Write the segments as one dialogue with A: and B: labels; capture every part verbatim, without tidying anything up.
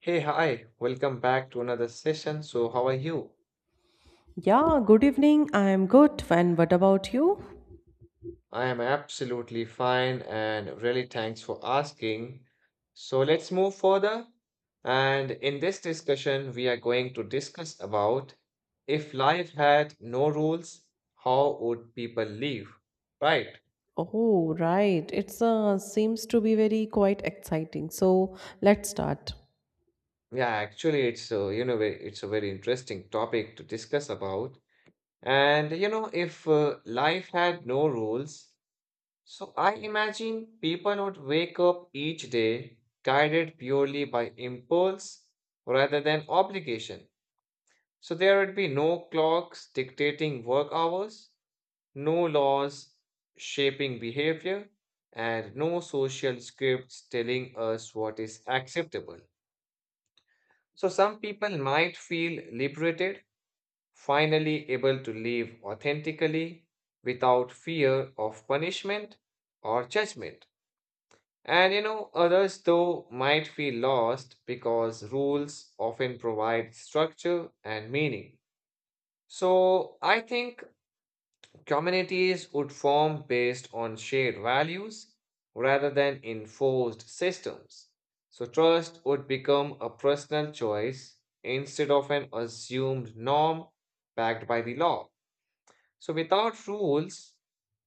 A: Hey, hi, welcome back to another session. So, how are you?
B: Yeah, good evening. I am good. And what about you?
A: I am absolutely fine and really thanks for asking. So, let's move further. And in this discussion, we are going to discuss about if life had no rules, how would people live? Right.
B: Oh, right. It's uh, seems to be very quite exciting. So let's start.
A: Yeah, actually, it's a, you know, ve- it's a very interesting topic to discuss about. And you know, if uh, life had no rules, so I imagine people would wake up each day guided purely by impulse rather than obligation. So there would be no clocks dictating work hours, no laws shaping behavior, and no social scripts telling us what is acceptable. So some people might feel liberated, finally able to live authentically without fear of punishment or judgment. And you know, others though might feel lost because rules often provide structure and meaning. So I think communities would form based on shared values rather than enforced systems. So trust would become a personal choice instead of an assumed norm backed by the law. So without rules,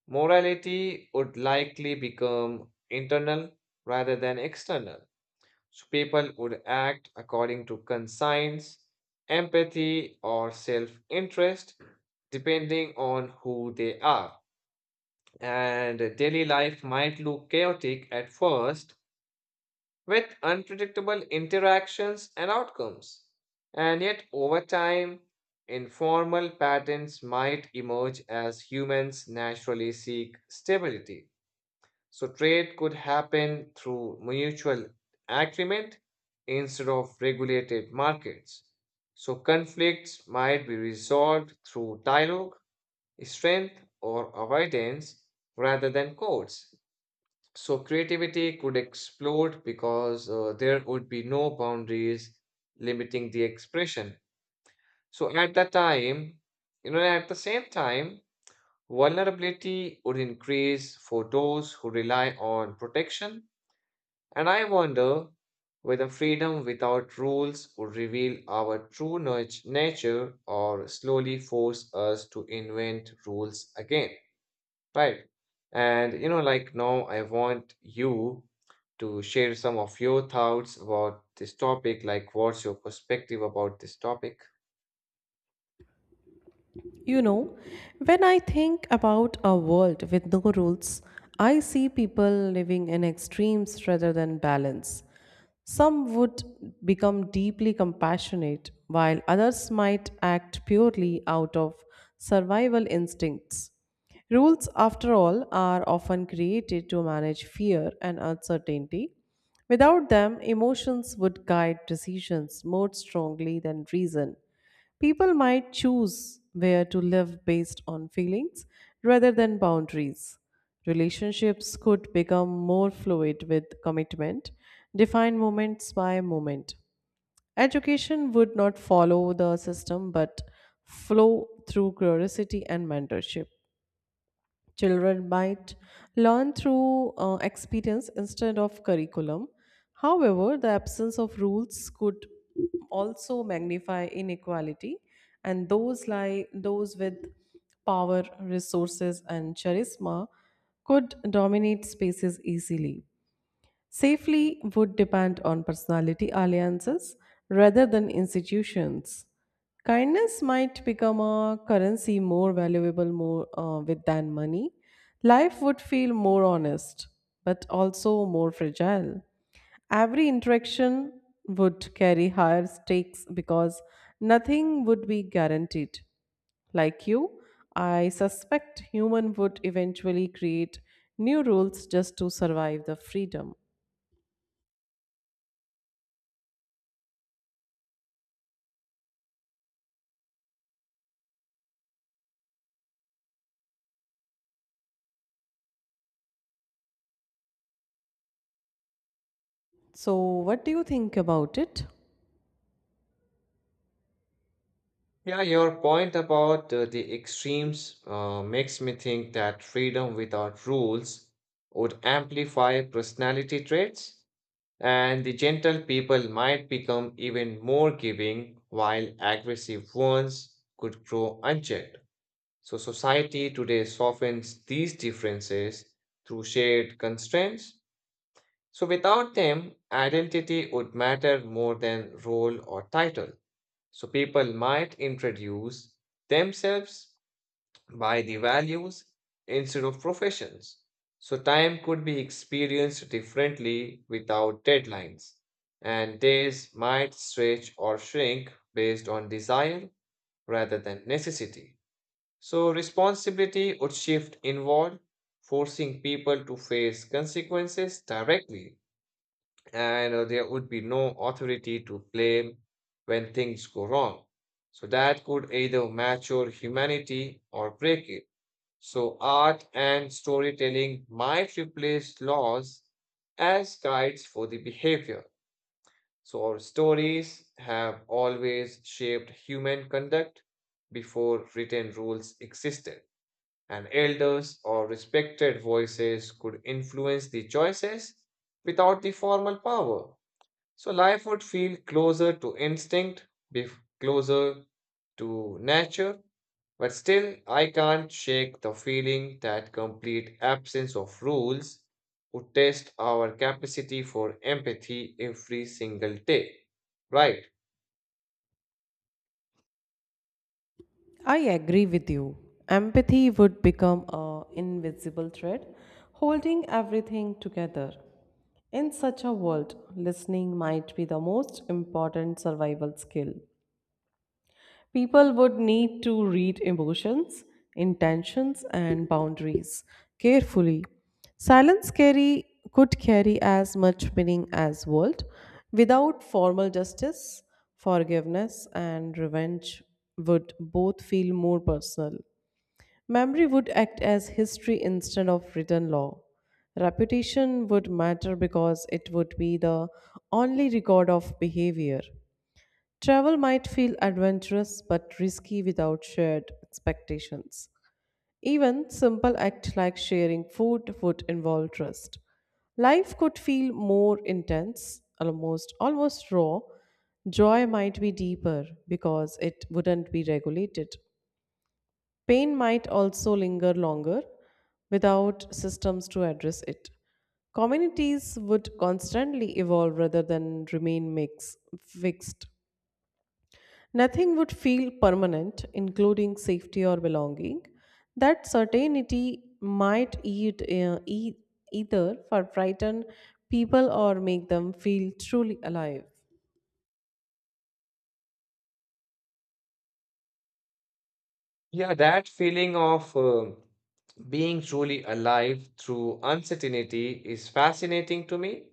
A: morality would likely become internal rather than external. So people would act according to conscience, empathy, or self interest, depending on who they are. And daily life might look chaotic at first with unpredictable interactions and outcomes. And yet, over time, informal patterns might emerge as humans naturally seek stability. So trade could happen through mutual agreement instead of regulated markets. So conflicts might be resolved through dialogue, strength, or avoidance rather than courts. So creativity could explode because uh, there would be no boundaries limiting the expression. So at that time, you know, at the same time, vulnerability would increase for those who rely on protection and I wonder whether freedom without rules would reveal our true nat- nature or slowly force us to invent rules again. Right. And you know, like now, I want you to share some of your thoughts about this topic. Like, what's your perspective about this topic?
B: You know, when I think about a world with no rules, I see people living in extremes rather than balance. Some would become deeply compassionate, while others might act purely out of survival instincts. Rules, after all, are often created to manage fear and uncertainty. Without them, emotions would guide decisions more strongly than reason. People might choose where to live based on feelings rather than boundaries. Relationships could become more fluid with commitment, defined moments by moment. Education would not follow the system but flow through curiosity and mentorship. Children might learn through uh, experience instead of curriculum. However, the absence of rules could also magnify inequality, and those lie those with power, resources, and charisma could dominate spaces easily. Safely would depend on personality alliances rather than institutions. Kindness might become a currency more valuable more uh, with than money. Life would feel more honest, but also more fragile. Every interaction would carry higher stakes because nothing would be guaranteed. Like you, I suspect human would eventually create new rules just to survive the freedom. So, what do you think about it?
A: Yeah, your point about uh, the extremes uh, makes me think that freedom without rules would amplify personality traits. And the gentle people might become even more giving, while aggressive ones could grow unchecked. So, society today softens these differences through shared constraints. So, without them, identity would matter more than role or title. So, people might introduce themselves by the values instead of professions. So, time could be experienced differently without deadlines, and days might stretch or shrink based on desire rather than necessity. So, responsibility would shift inward, forcing people to face consequences directly, and uh, there would be no authority to blame when things go wrong. So, that could either mature humanity or break it. So art and storytelling might replace laws as guides for the behavior. So our stories have always shaped human conduct before written rules existed. And elders or respected voices could influence the choices without the formal power. So life would feel closer to instinct, be closer to nature, but still I can't shake the feeling that complete absence of rules would test our capacity for empathy every single day. Right?
B: I agree with you. Empathy would become a invisible thread holding everything together. In such a world, listening might be the most important survival skill. People would need to read emotions, intentions, and boundaries carefully. Silence carry could carry as much meaning as world without formal justice, forgiveness, and revenge would both feel more personal. Memory would act as history instead of written law. Reputation would matter because it would be the only record of behavior. Travel might feel adventurous but risky without shared expectations. Even simple acts like sharing food would involve trust. Life could feel more intense, almost almost raw. Joy might be deeper because it wouldn't be regulated. Pain might also linger longer without systems to address it. Communities would constantly evolve rather than remain mix, fixed. Nothing would feel permanent, including safety or belonging. That certainty might eat, uh, e- either for frighten people or make them feel truly alive.
A: Yeah, that feeling of uh, being truly alive through uncertainty is fascinating to me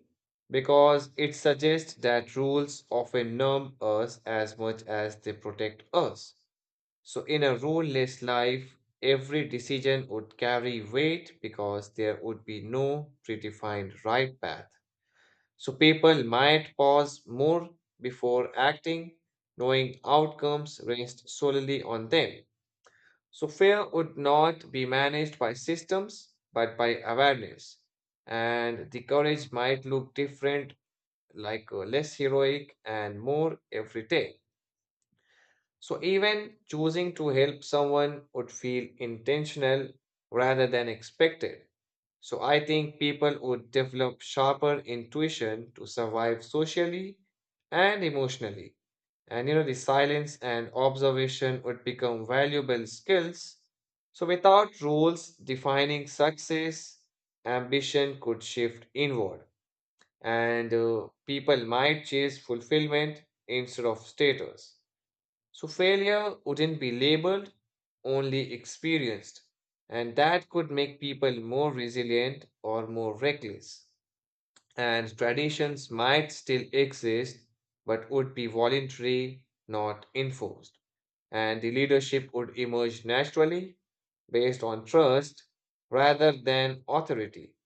A: because it suggests that rules often numb us as much as they protect us. So, in a ruleless life, every decision would carry weight because there would be no predefined right path. So, people might pause more before acting, knowing outcomes rest solely on them. So fear would not be managed by systems, but by awareness. And the courage might look different, like uh, less heroic and more everyday. So even choosing to help someone would feel intentional rather than expected. So I think people would develop sharper intuition to survive socially and emotionally. And you know, the silence and observation would become valuable skills. So without rules defining success, ambition could shift inward and uh, people might chase fulfillment instead of status. So failure wouldn't be labeled, only experienced. And that could make people more resilient or more reckless. And traditions might still exist, but would be voluntary, not enforced. And the leadership would emerge naturally based on trust rather than authority.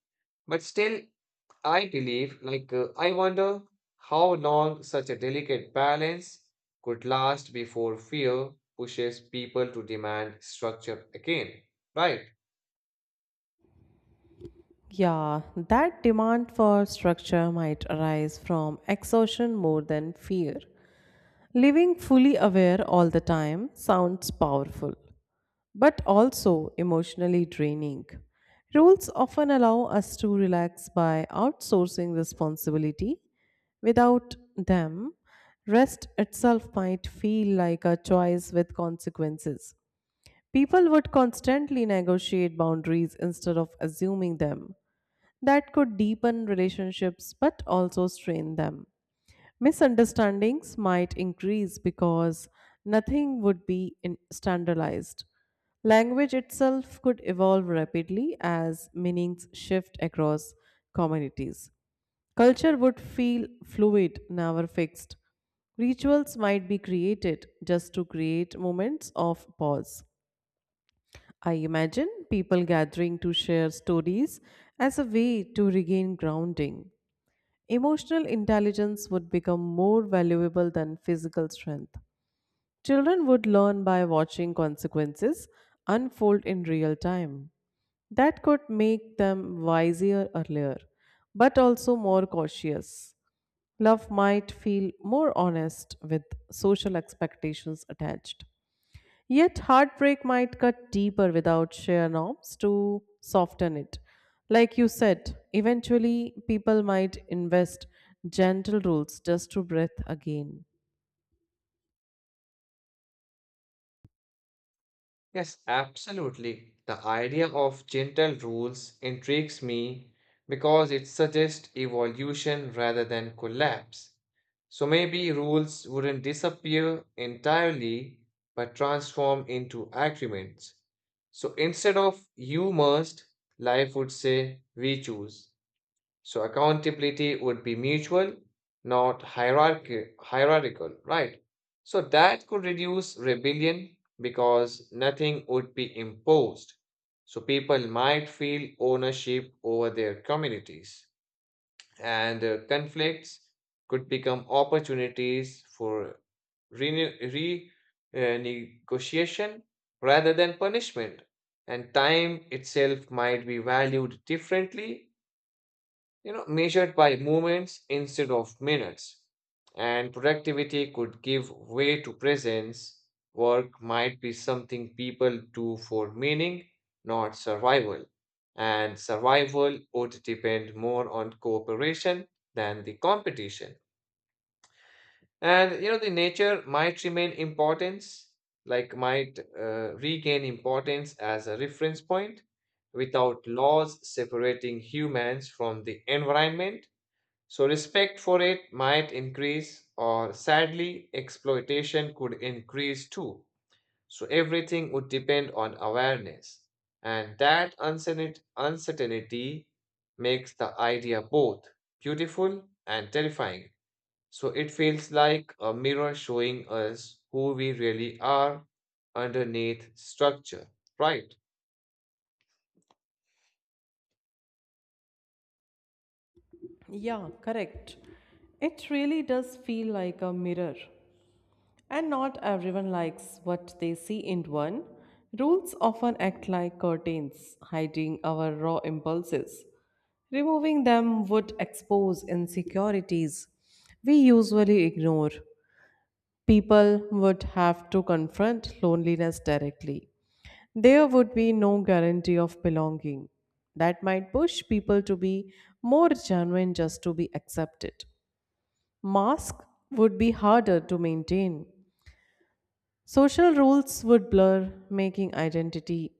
A: But still, I believe, like, uh, I wonder how long such a delicate balance could last before fear pushes people to demand structure again, right?
B: Yeah, that demand for structure might arise from exhaustion more than fear. Living fully aware all the time sounds powerful, but also emotionally draining. Rules often allow us to relax by outsourcing responsibility. Without them, rest itself might feel like a choice with consequences. People would constantly negotiate boundaries instead of assuming them. That could deepen relationships but also strain them. Misunderstandings might increase because nothing would be in- standardized. Language itself could evolve rapidly as meanings shift across communities. Culture would feel fluid, never fixed. Rituals might be created just to create moments of pause. I imagine people gathering to share stories as a way to regain grounding. Emotional intelligence would become more valuable than physical strength. Children would learn by watching consequences unfold in real time. That could make them wiser earlier, but also more cautious. Love might feel more honest with social expectations attached. Yet, heartbreak might cut deeper without sheer norms to soften it. Like you said, eventually people might invest gentle rules just to breathe again.
A: Yes, absolutely. The idea of gentle rules intrigues me because it suggests evolution rather than collapse. So maybe rules wouldn't disappear entirely but transform into agreements. So instead of you must, life would say we choose. So accountability would be mutual, not hierarchy, hierarchical, right? So that could reduce rebellion because nothing would be imposed. So people might feel ownership over their communities, and uh, conflicts could become opportunities for renew- re uh, negotiation rather than punishment. And time itself might be valued differently, you know, measured by moments instead of minutes. And productivity could give way to presence. Work might be something people do for meaning, not survival. And survival would depend more on cooperation than the competition. And you know, the nature might remain importance, like might uh, regain importance as a reference point without laws separating humans from the environment, so respect for it might increase, or sadly, exploitation could increase too. So, everything would depend on awareness. And that uncertain- uncertainty makes the idea both beautiful and terrifying. So, it feels like a mirror showing us who we really are underneath structure, right?
B: Yeah, correct. It really does feel like a mirror. And not everyone likes what they see in one. Rules often act like curtains, hiding our raw impulses. Removing them would expose insecurities we usually ignore. People would have to confront loneliness directly. There would be no guarantee of belonging. That might push people to be more genuine just to be accepted. Mask would be harder to maintain. Social rules would blur, making identity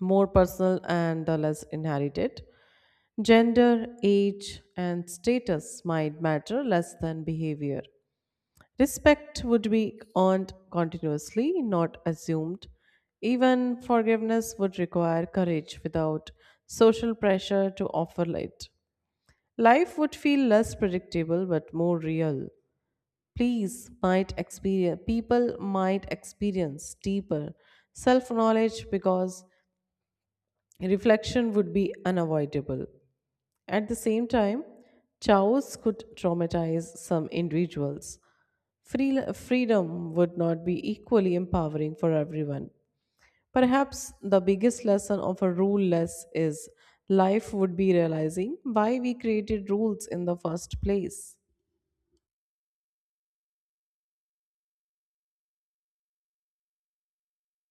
B: more personal and the less inherited. Gender, age, and status might matter less than behavior. Respect would be earned continuously, not assumed. Even forgiveness would require courage without social pressure to offer it. Life would feel less predictable but more real. Please might experience People might experience deeper self-knowledge because reflection would be unavoidable. At the same time, chaos could traumatize some individuals. Free, freedom would not be equally empowering for everyone. Perhaps the biggest lesson of a ruleless is life would be realizing why we created rules in the first place.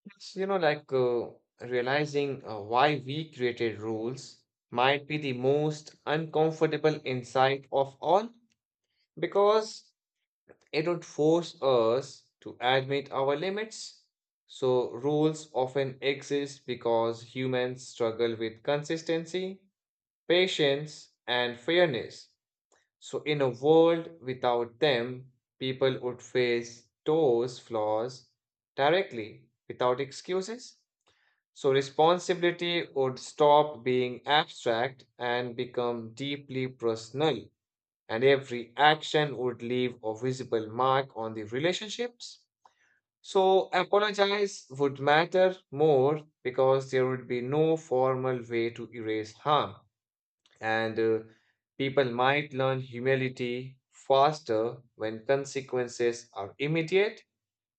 A: It's, you know, like uh, Realizing uh, why we created rules might be the most uncomfortable insight of all because it would force us to admit our limits. So, rules often exist because humans struggle with consistency, patience, and fairness. So, in a world without them, people would face those flaws directly without excuses. So responsibility would stop being abstract and become deeply personal, and every action would leave a visible mark on the relationships. So apologize would matter more because there would be no formal way to erase harm, and uh, people might learn humility faster when consequences are immediate,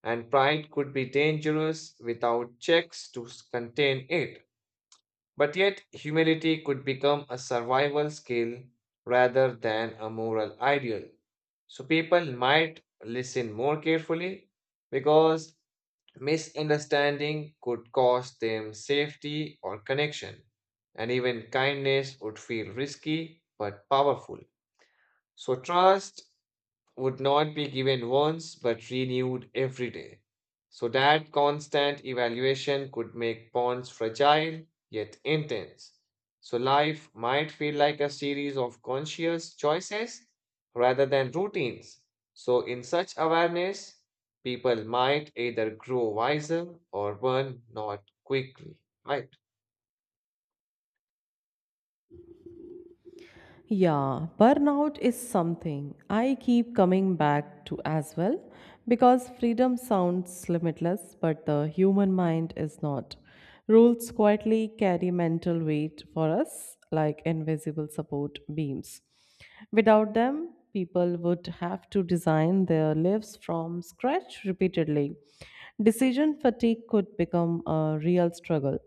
A: and pride could be dangerous without checks to s- contain it. But yet, humility could become a survival skill rather than a moral ideal. So people might listen more carefully because misunderstanding could cost them safety or connection, and even kindness would feel risky but powerful. So, trust would not be given once but renewed every day. So that constant evaluation could make bonds fragile yet intense. So life might feel like a series of conscious choices rather than routines. So, in such awareness, people might either grow wiser or burn not quickly. Right?
B: Yeah, burnout is something I keep coming back to as well because freedom sounds limitless, but the human mind is not. Rules quietly carry mental weight for us like invisible support beams. Without them, people would have to design their lives from scratch repeatedly. Decision fatigue could become a real struggle.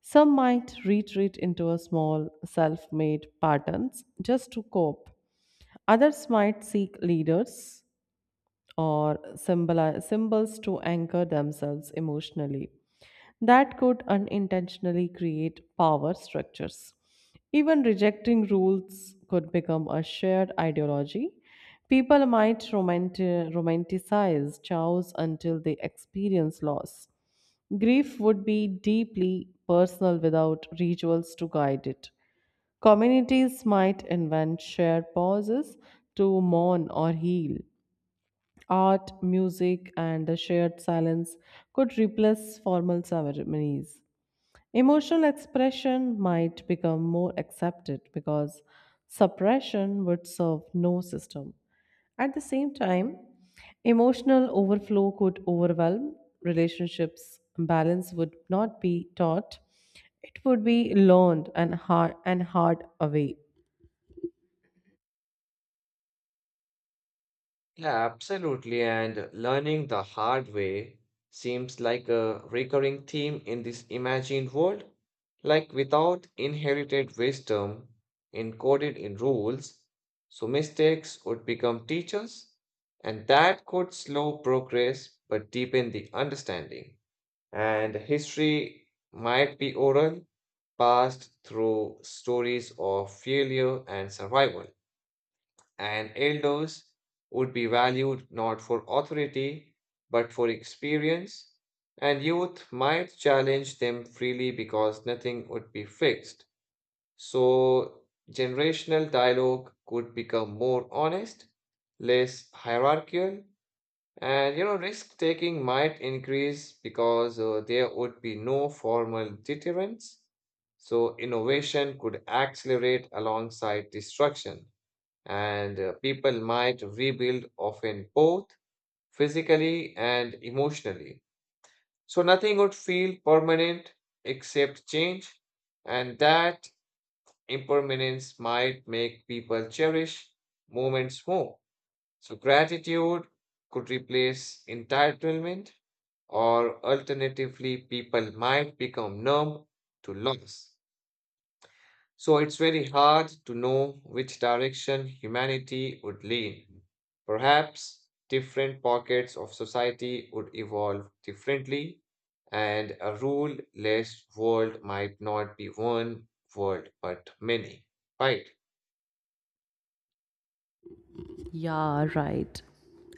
B: Some might retreat into a small self made patterns just to cope. Others might seek leaders or symboli- symbols to anchor themselves emotionally. That could unintentionally create power structures. Even rejecting rules could become a shared ideology. People might romanti- romanticize chaos until they experience loss. Grief would be deeply personal without rituals to guide it. Communities might invent shared pauses to mourn or heal. Art, music, and the shared silence could replace formal ceremonies. Emotional expression might become more accepted because suppression would serve no system. At the same time, emotional overflow could overwhelm relationships. Balance would not be taught; it would be learned and hard and hard away.
A: Yeah, absolutely. And learning the hard way seems like a recurring theme in this imagined world. Like without inherited wisdom encoded in rules, so mistakes would become teachers, and that could slow progress but deepen the understanding. And history might be oral, passed through stories of failure and survival, and elders would be valued not for authority but for experience, and youth might challenge them freely because nothing would be fixed. So, generational dialogue could become more honest, less hierarchical, and you know, risk taking might increase because uh, there would be no formal deterrence. So, innovation could accelerate alongside destruction and uh, people might rebuild often both physically and emotionally. So nothing would feel permanent except change, and that impermanence might make people cherish moments more. So gratitude could replace entitlement, or alternatively, people might become numb to loss. So it's very hard to know which direction humanity would lean. Perhaps different pockets of society would evolve differently, and a rule less world might not be one world but many, right?
B: Yeah, right.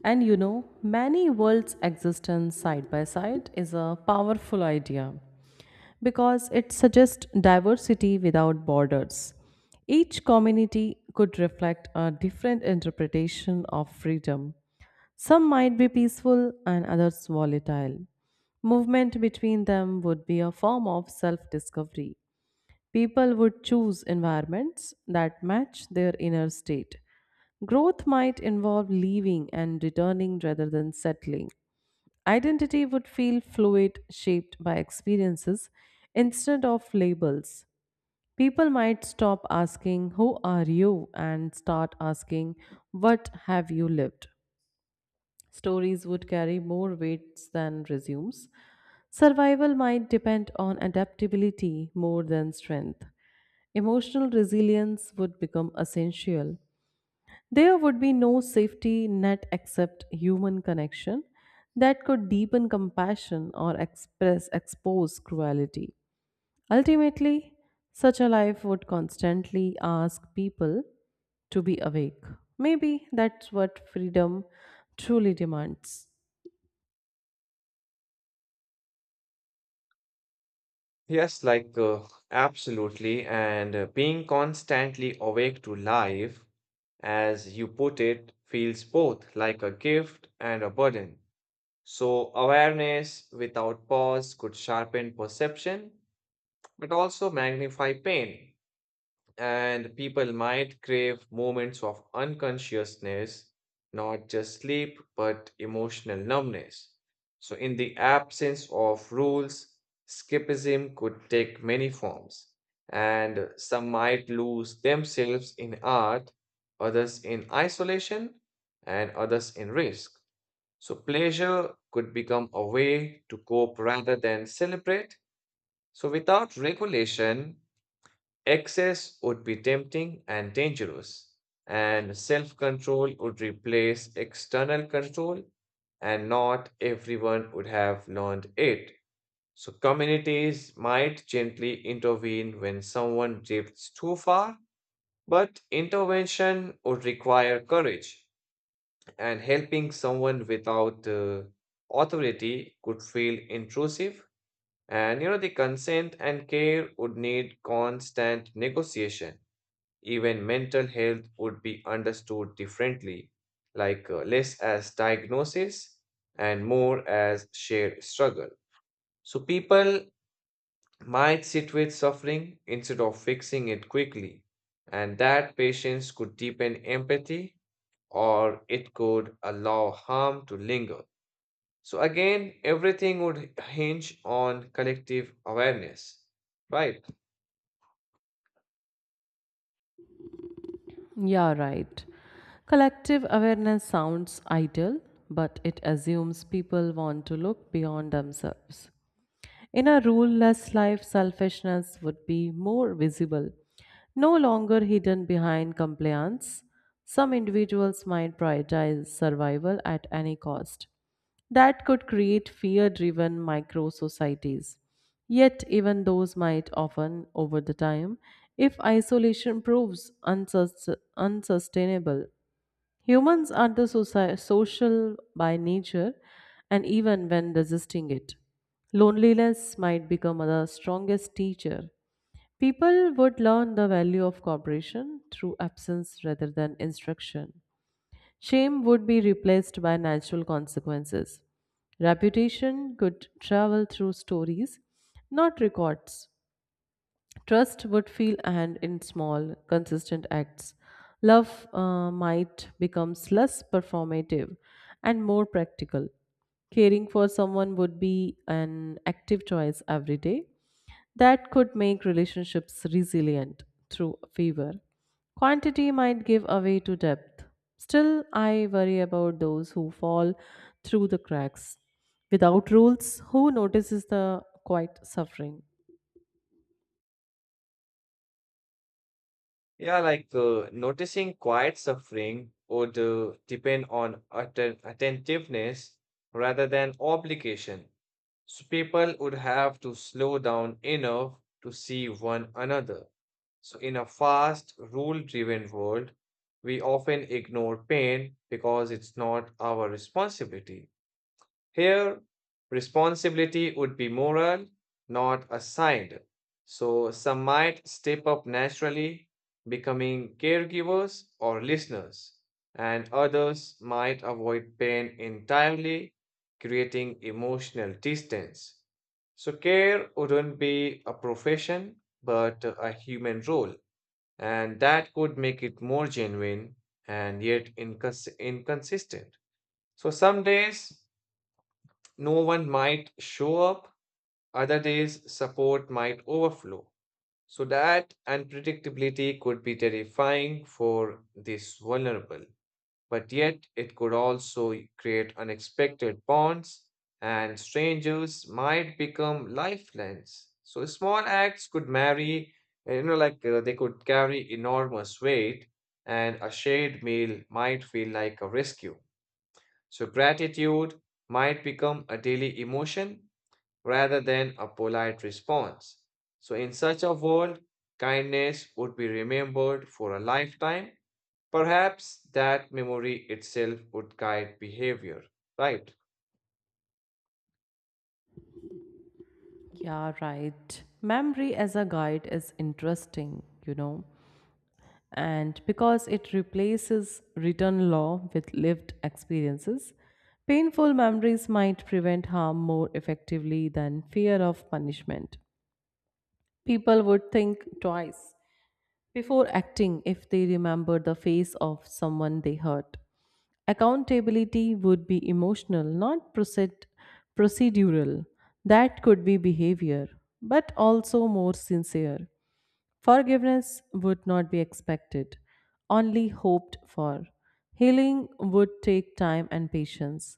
B: And you know, many worlds existence side by side is a powerful idea, because it suggests diversity without borders. Each community could reflect a different interpretation of freedom. Some might be peaceful and others volatile. Movement between them would be a form of self discovery. People would choose environments that match their inner state. Growth might involve leaving and returning rather than settling. Identity would feel fluid, shaped by experiences instead of labels. People might stop asking, "Who are you?" and start asking, "What have you lived?" Stories would carry more weights than resumes. Survival might depend on adaptability more than strength. Emotional resilience would become essential. There would be no safety net except human connection that could deepen compassion or express expose cruelty. Ultimately, such a life would constantly ask people to be awake. Maybe that's what freedom truly demands.
A: Yes, like uh, absolutely. And uh, being constantly awake to life, as you put it, feels both like a gift and a burden. So, awareness without pause could sharpen perception, but also magnify pain. And people might crave moments of unconsciousness, not just sleep, but emotional numbness. So, in the absence of rules, escapism could take many forms, and some might lose themselves in art, others in isolation, and others in risk. So pleasure could become a way to cope rather than celebrate. So without regulation, excess would be tempting and dangerous, and self control would replace external control, and not everyone would have learned it. So communities might gently intervene when someone drifts too far, but intervention would require courage, and helping someone without uh, authority could feel intrusive, and you know the consent and care would need constant negotiation. Even mental health would be understood differently, like uh, less as diagnosis and more as shared struggle. So people might sit with suffering instead of fixing it quickly, and that patience could deepen empathy, or it could allow harm to linger. So again, everything would hinge on collective awareness, right?
B: Yeah, right. Collective awareness sounds ideal, but it assumes people want to look beyond themselves. In a ruleless life, selfishness would be more visible, no longer hidden behind compliance. Some individuals might prioritize survival at any cost. That could create fear driven micro societies. Yet, even those might often, over the time, if isolation proves unsus- unsustainable, humans are the soci- social by nature, and even when resisting it, loneliness might become the strongest teacher. People would learn the value of cooperation through absence rather than instruction. Shame would be replaced by natural consequences. Reputation could travel through stories, not records. Trust would feel and in small, consistent acts. Love uh, might becomes less performative and more practical. Caring for someone would be an active choice every day that could make relationships resilient through favor. Quantity might give away to depth. Still, I worry about those who fall through the cracks. Without rules, who notices the quiet suffering?
A: Yeah, like uh, noticing quiet suffering would uh, depend on atten- attentiveness rather than obligation. So people would have to slow down enough to see one another. So in a fast, rule-driven world, we often ignore pain because it's not our responsibility. Here, responsibility would be moral, not assigned. So, some might step up naturally, becoming caregivers or listeners, and others might avoid pain entirely, creating emotional distance. So, care wouldn't be a profession, but a human role, and that could make it more genuine and yet incons- inconsistent. So, some days no one might show up, other days support might overflow. So that unpredictability could be terrifying for this vulnerable, but yet it could also create unexpected bonds, and strangers might become lifelines. So small acts could marry, uh, you know, like uh, they could carry enormous weight, and a shared meal might feel like a rescue. So gratitude might become a daily emotion rather than a polite response. So, in such a world, kindness would be remembered for a lifetime. Perhaps that memory itself would guide behavior, right?
B: Yeah, right. Memory as a guide is interesting, you know, and because it replaces written law with lived experiences, painful memories might prevent harm more effectively than fear of punishment. People would think twice before acting if they remember the face of someone they hurt. Accountability would be emotional, not proced- procedural. That could be behavior, but also more sincere. Forgiveness would not be expected, only hoped for. Healing would take time and patience.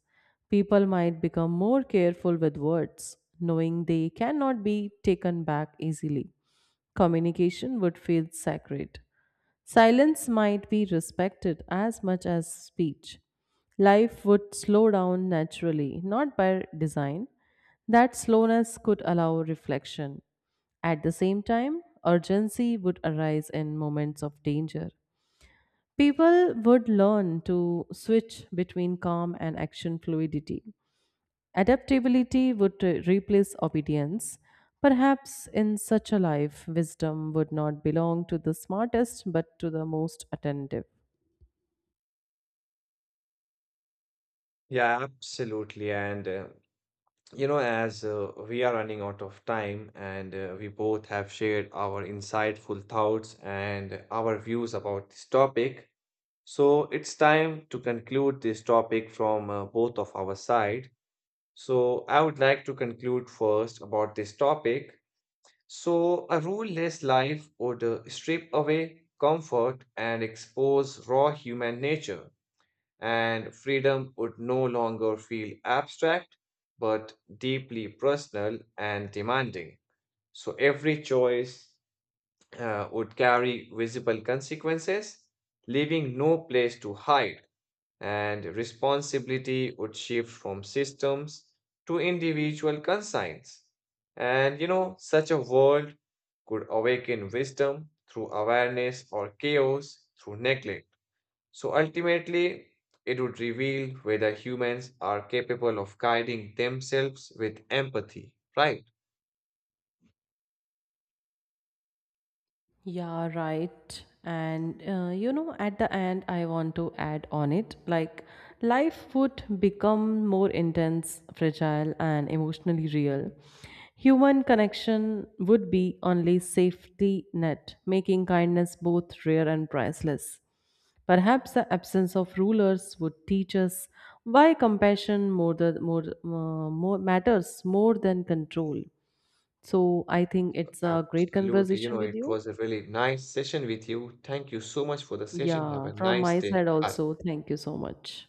B: People might become more careful with words, knowing they cannot be taken back easily. Communication would feel sacred. Silence might be respected as much as speech. Life would slow down naturally, not by design. That slowness could allow reflection. At the same time, urgency would arise in moments of danger. People would learn to switch between calm and action fluidity. Adaptability would uh, replace obedience. Perhaps in such a life, wisdom would not belong to the smartest but to the most attentive.
A: Yeah, absolutely. And, uh, you know, as uh, we are running out of time and uh, we both have shared our insightful thoughts and our views about this topic, so it's time to conclude this topic from uh, both of our side. So, I would like to conclude first about this topic. So, a ruleless life would uh, strip away comfort and expose raw human nature, and freedom would no longer feel abstract but deeply personal and demanding. So, every choice uh, would carry visible consequences, leaving no place to hide, and responsibility would shift from systems to individual conscience. And you know, such a world could awaken wisdom through awareness or chaos through neglect. So ultimately, it would reveal whether humans are capable of guiding themselves with empathy, right?
B: Yeah, right. And uh, you know, at the end, I want to add on it like life would become more intense, fragile, and emotionally real. Human connection would be only safety net, making kindness both rare and priceless. Perhaps the absence of rulers would teach us why compassion more, the, more, uh, more matters more than control. So I think it's a great
A: Absolutely. You
B: conversation
A: know,
B: with
A: it
B: you.
A: was a really nice session with you. Thank you so much for the session. Have
B: Yeah,
A: a
B: from
A: nice
B: my
A: day.
B: side
A: Bye.
B: also. Thank you so much.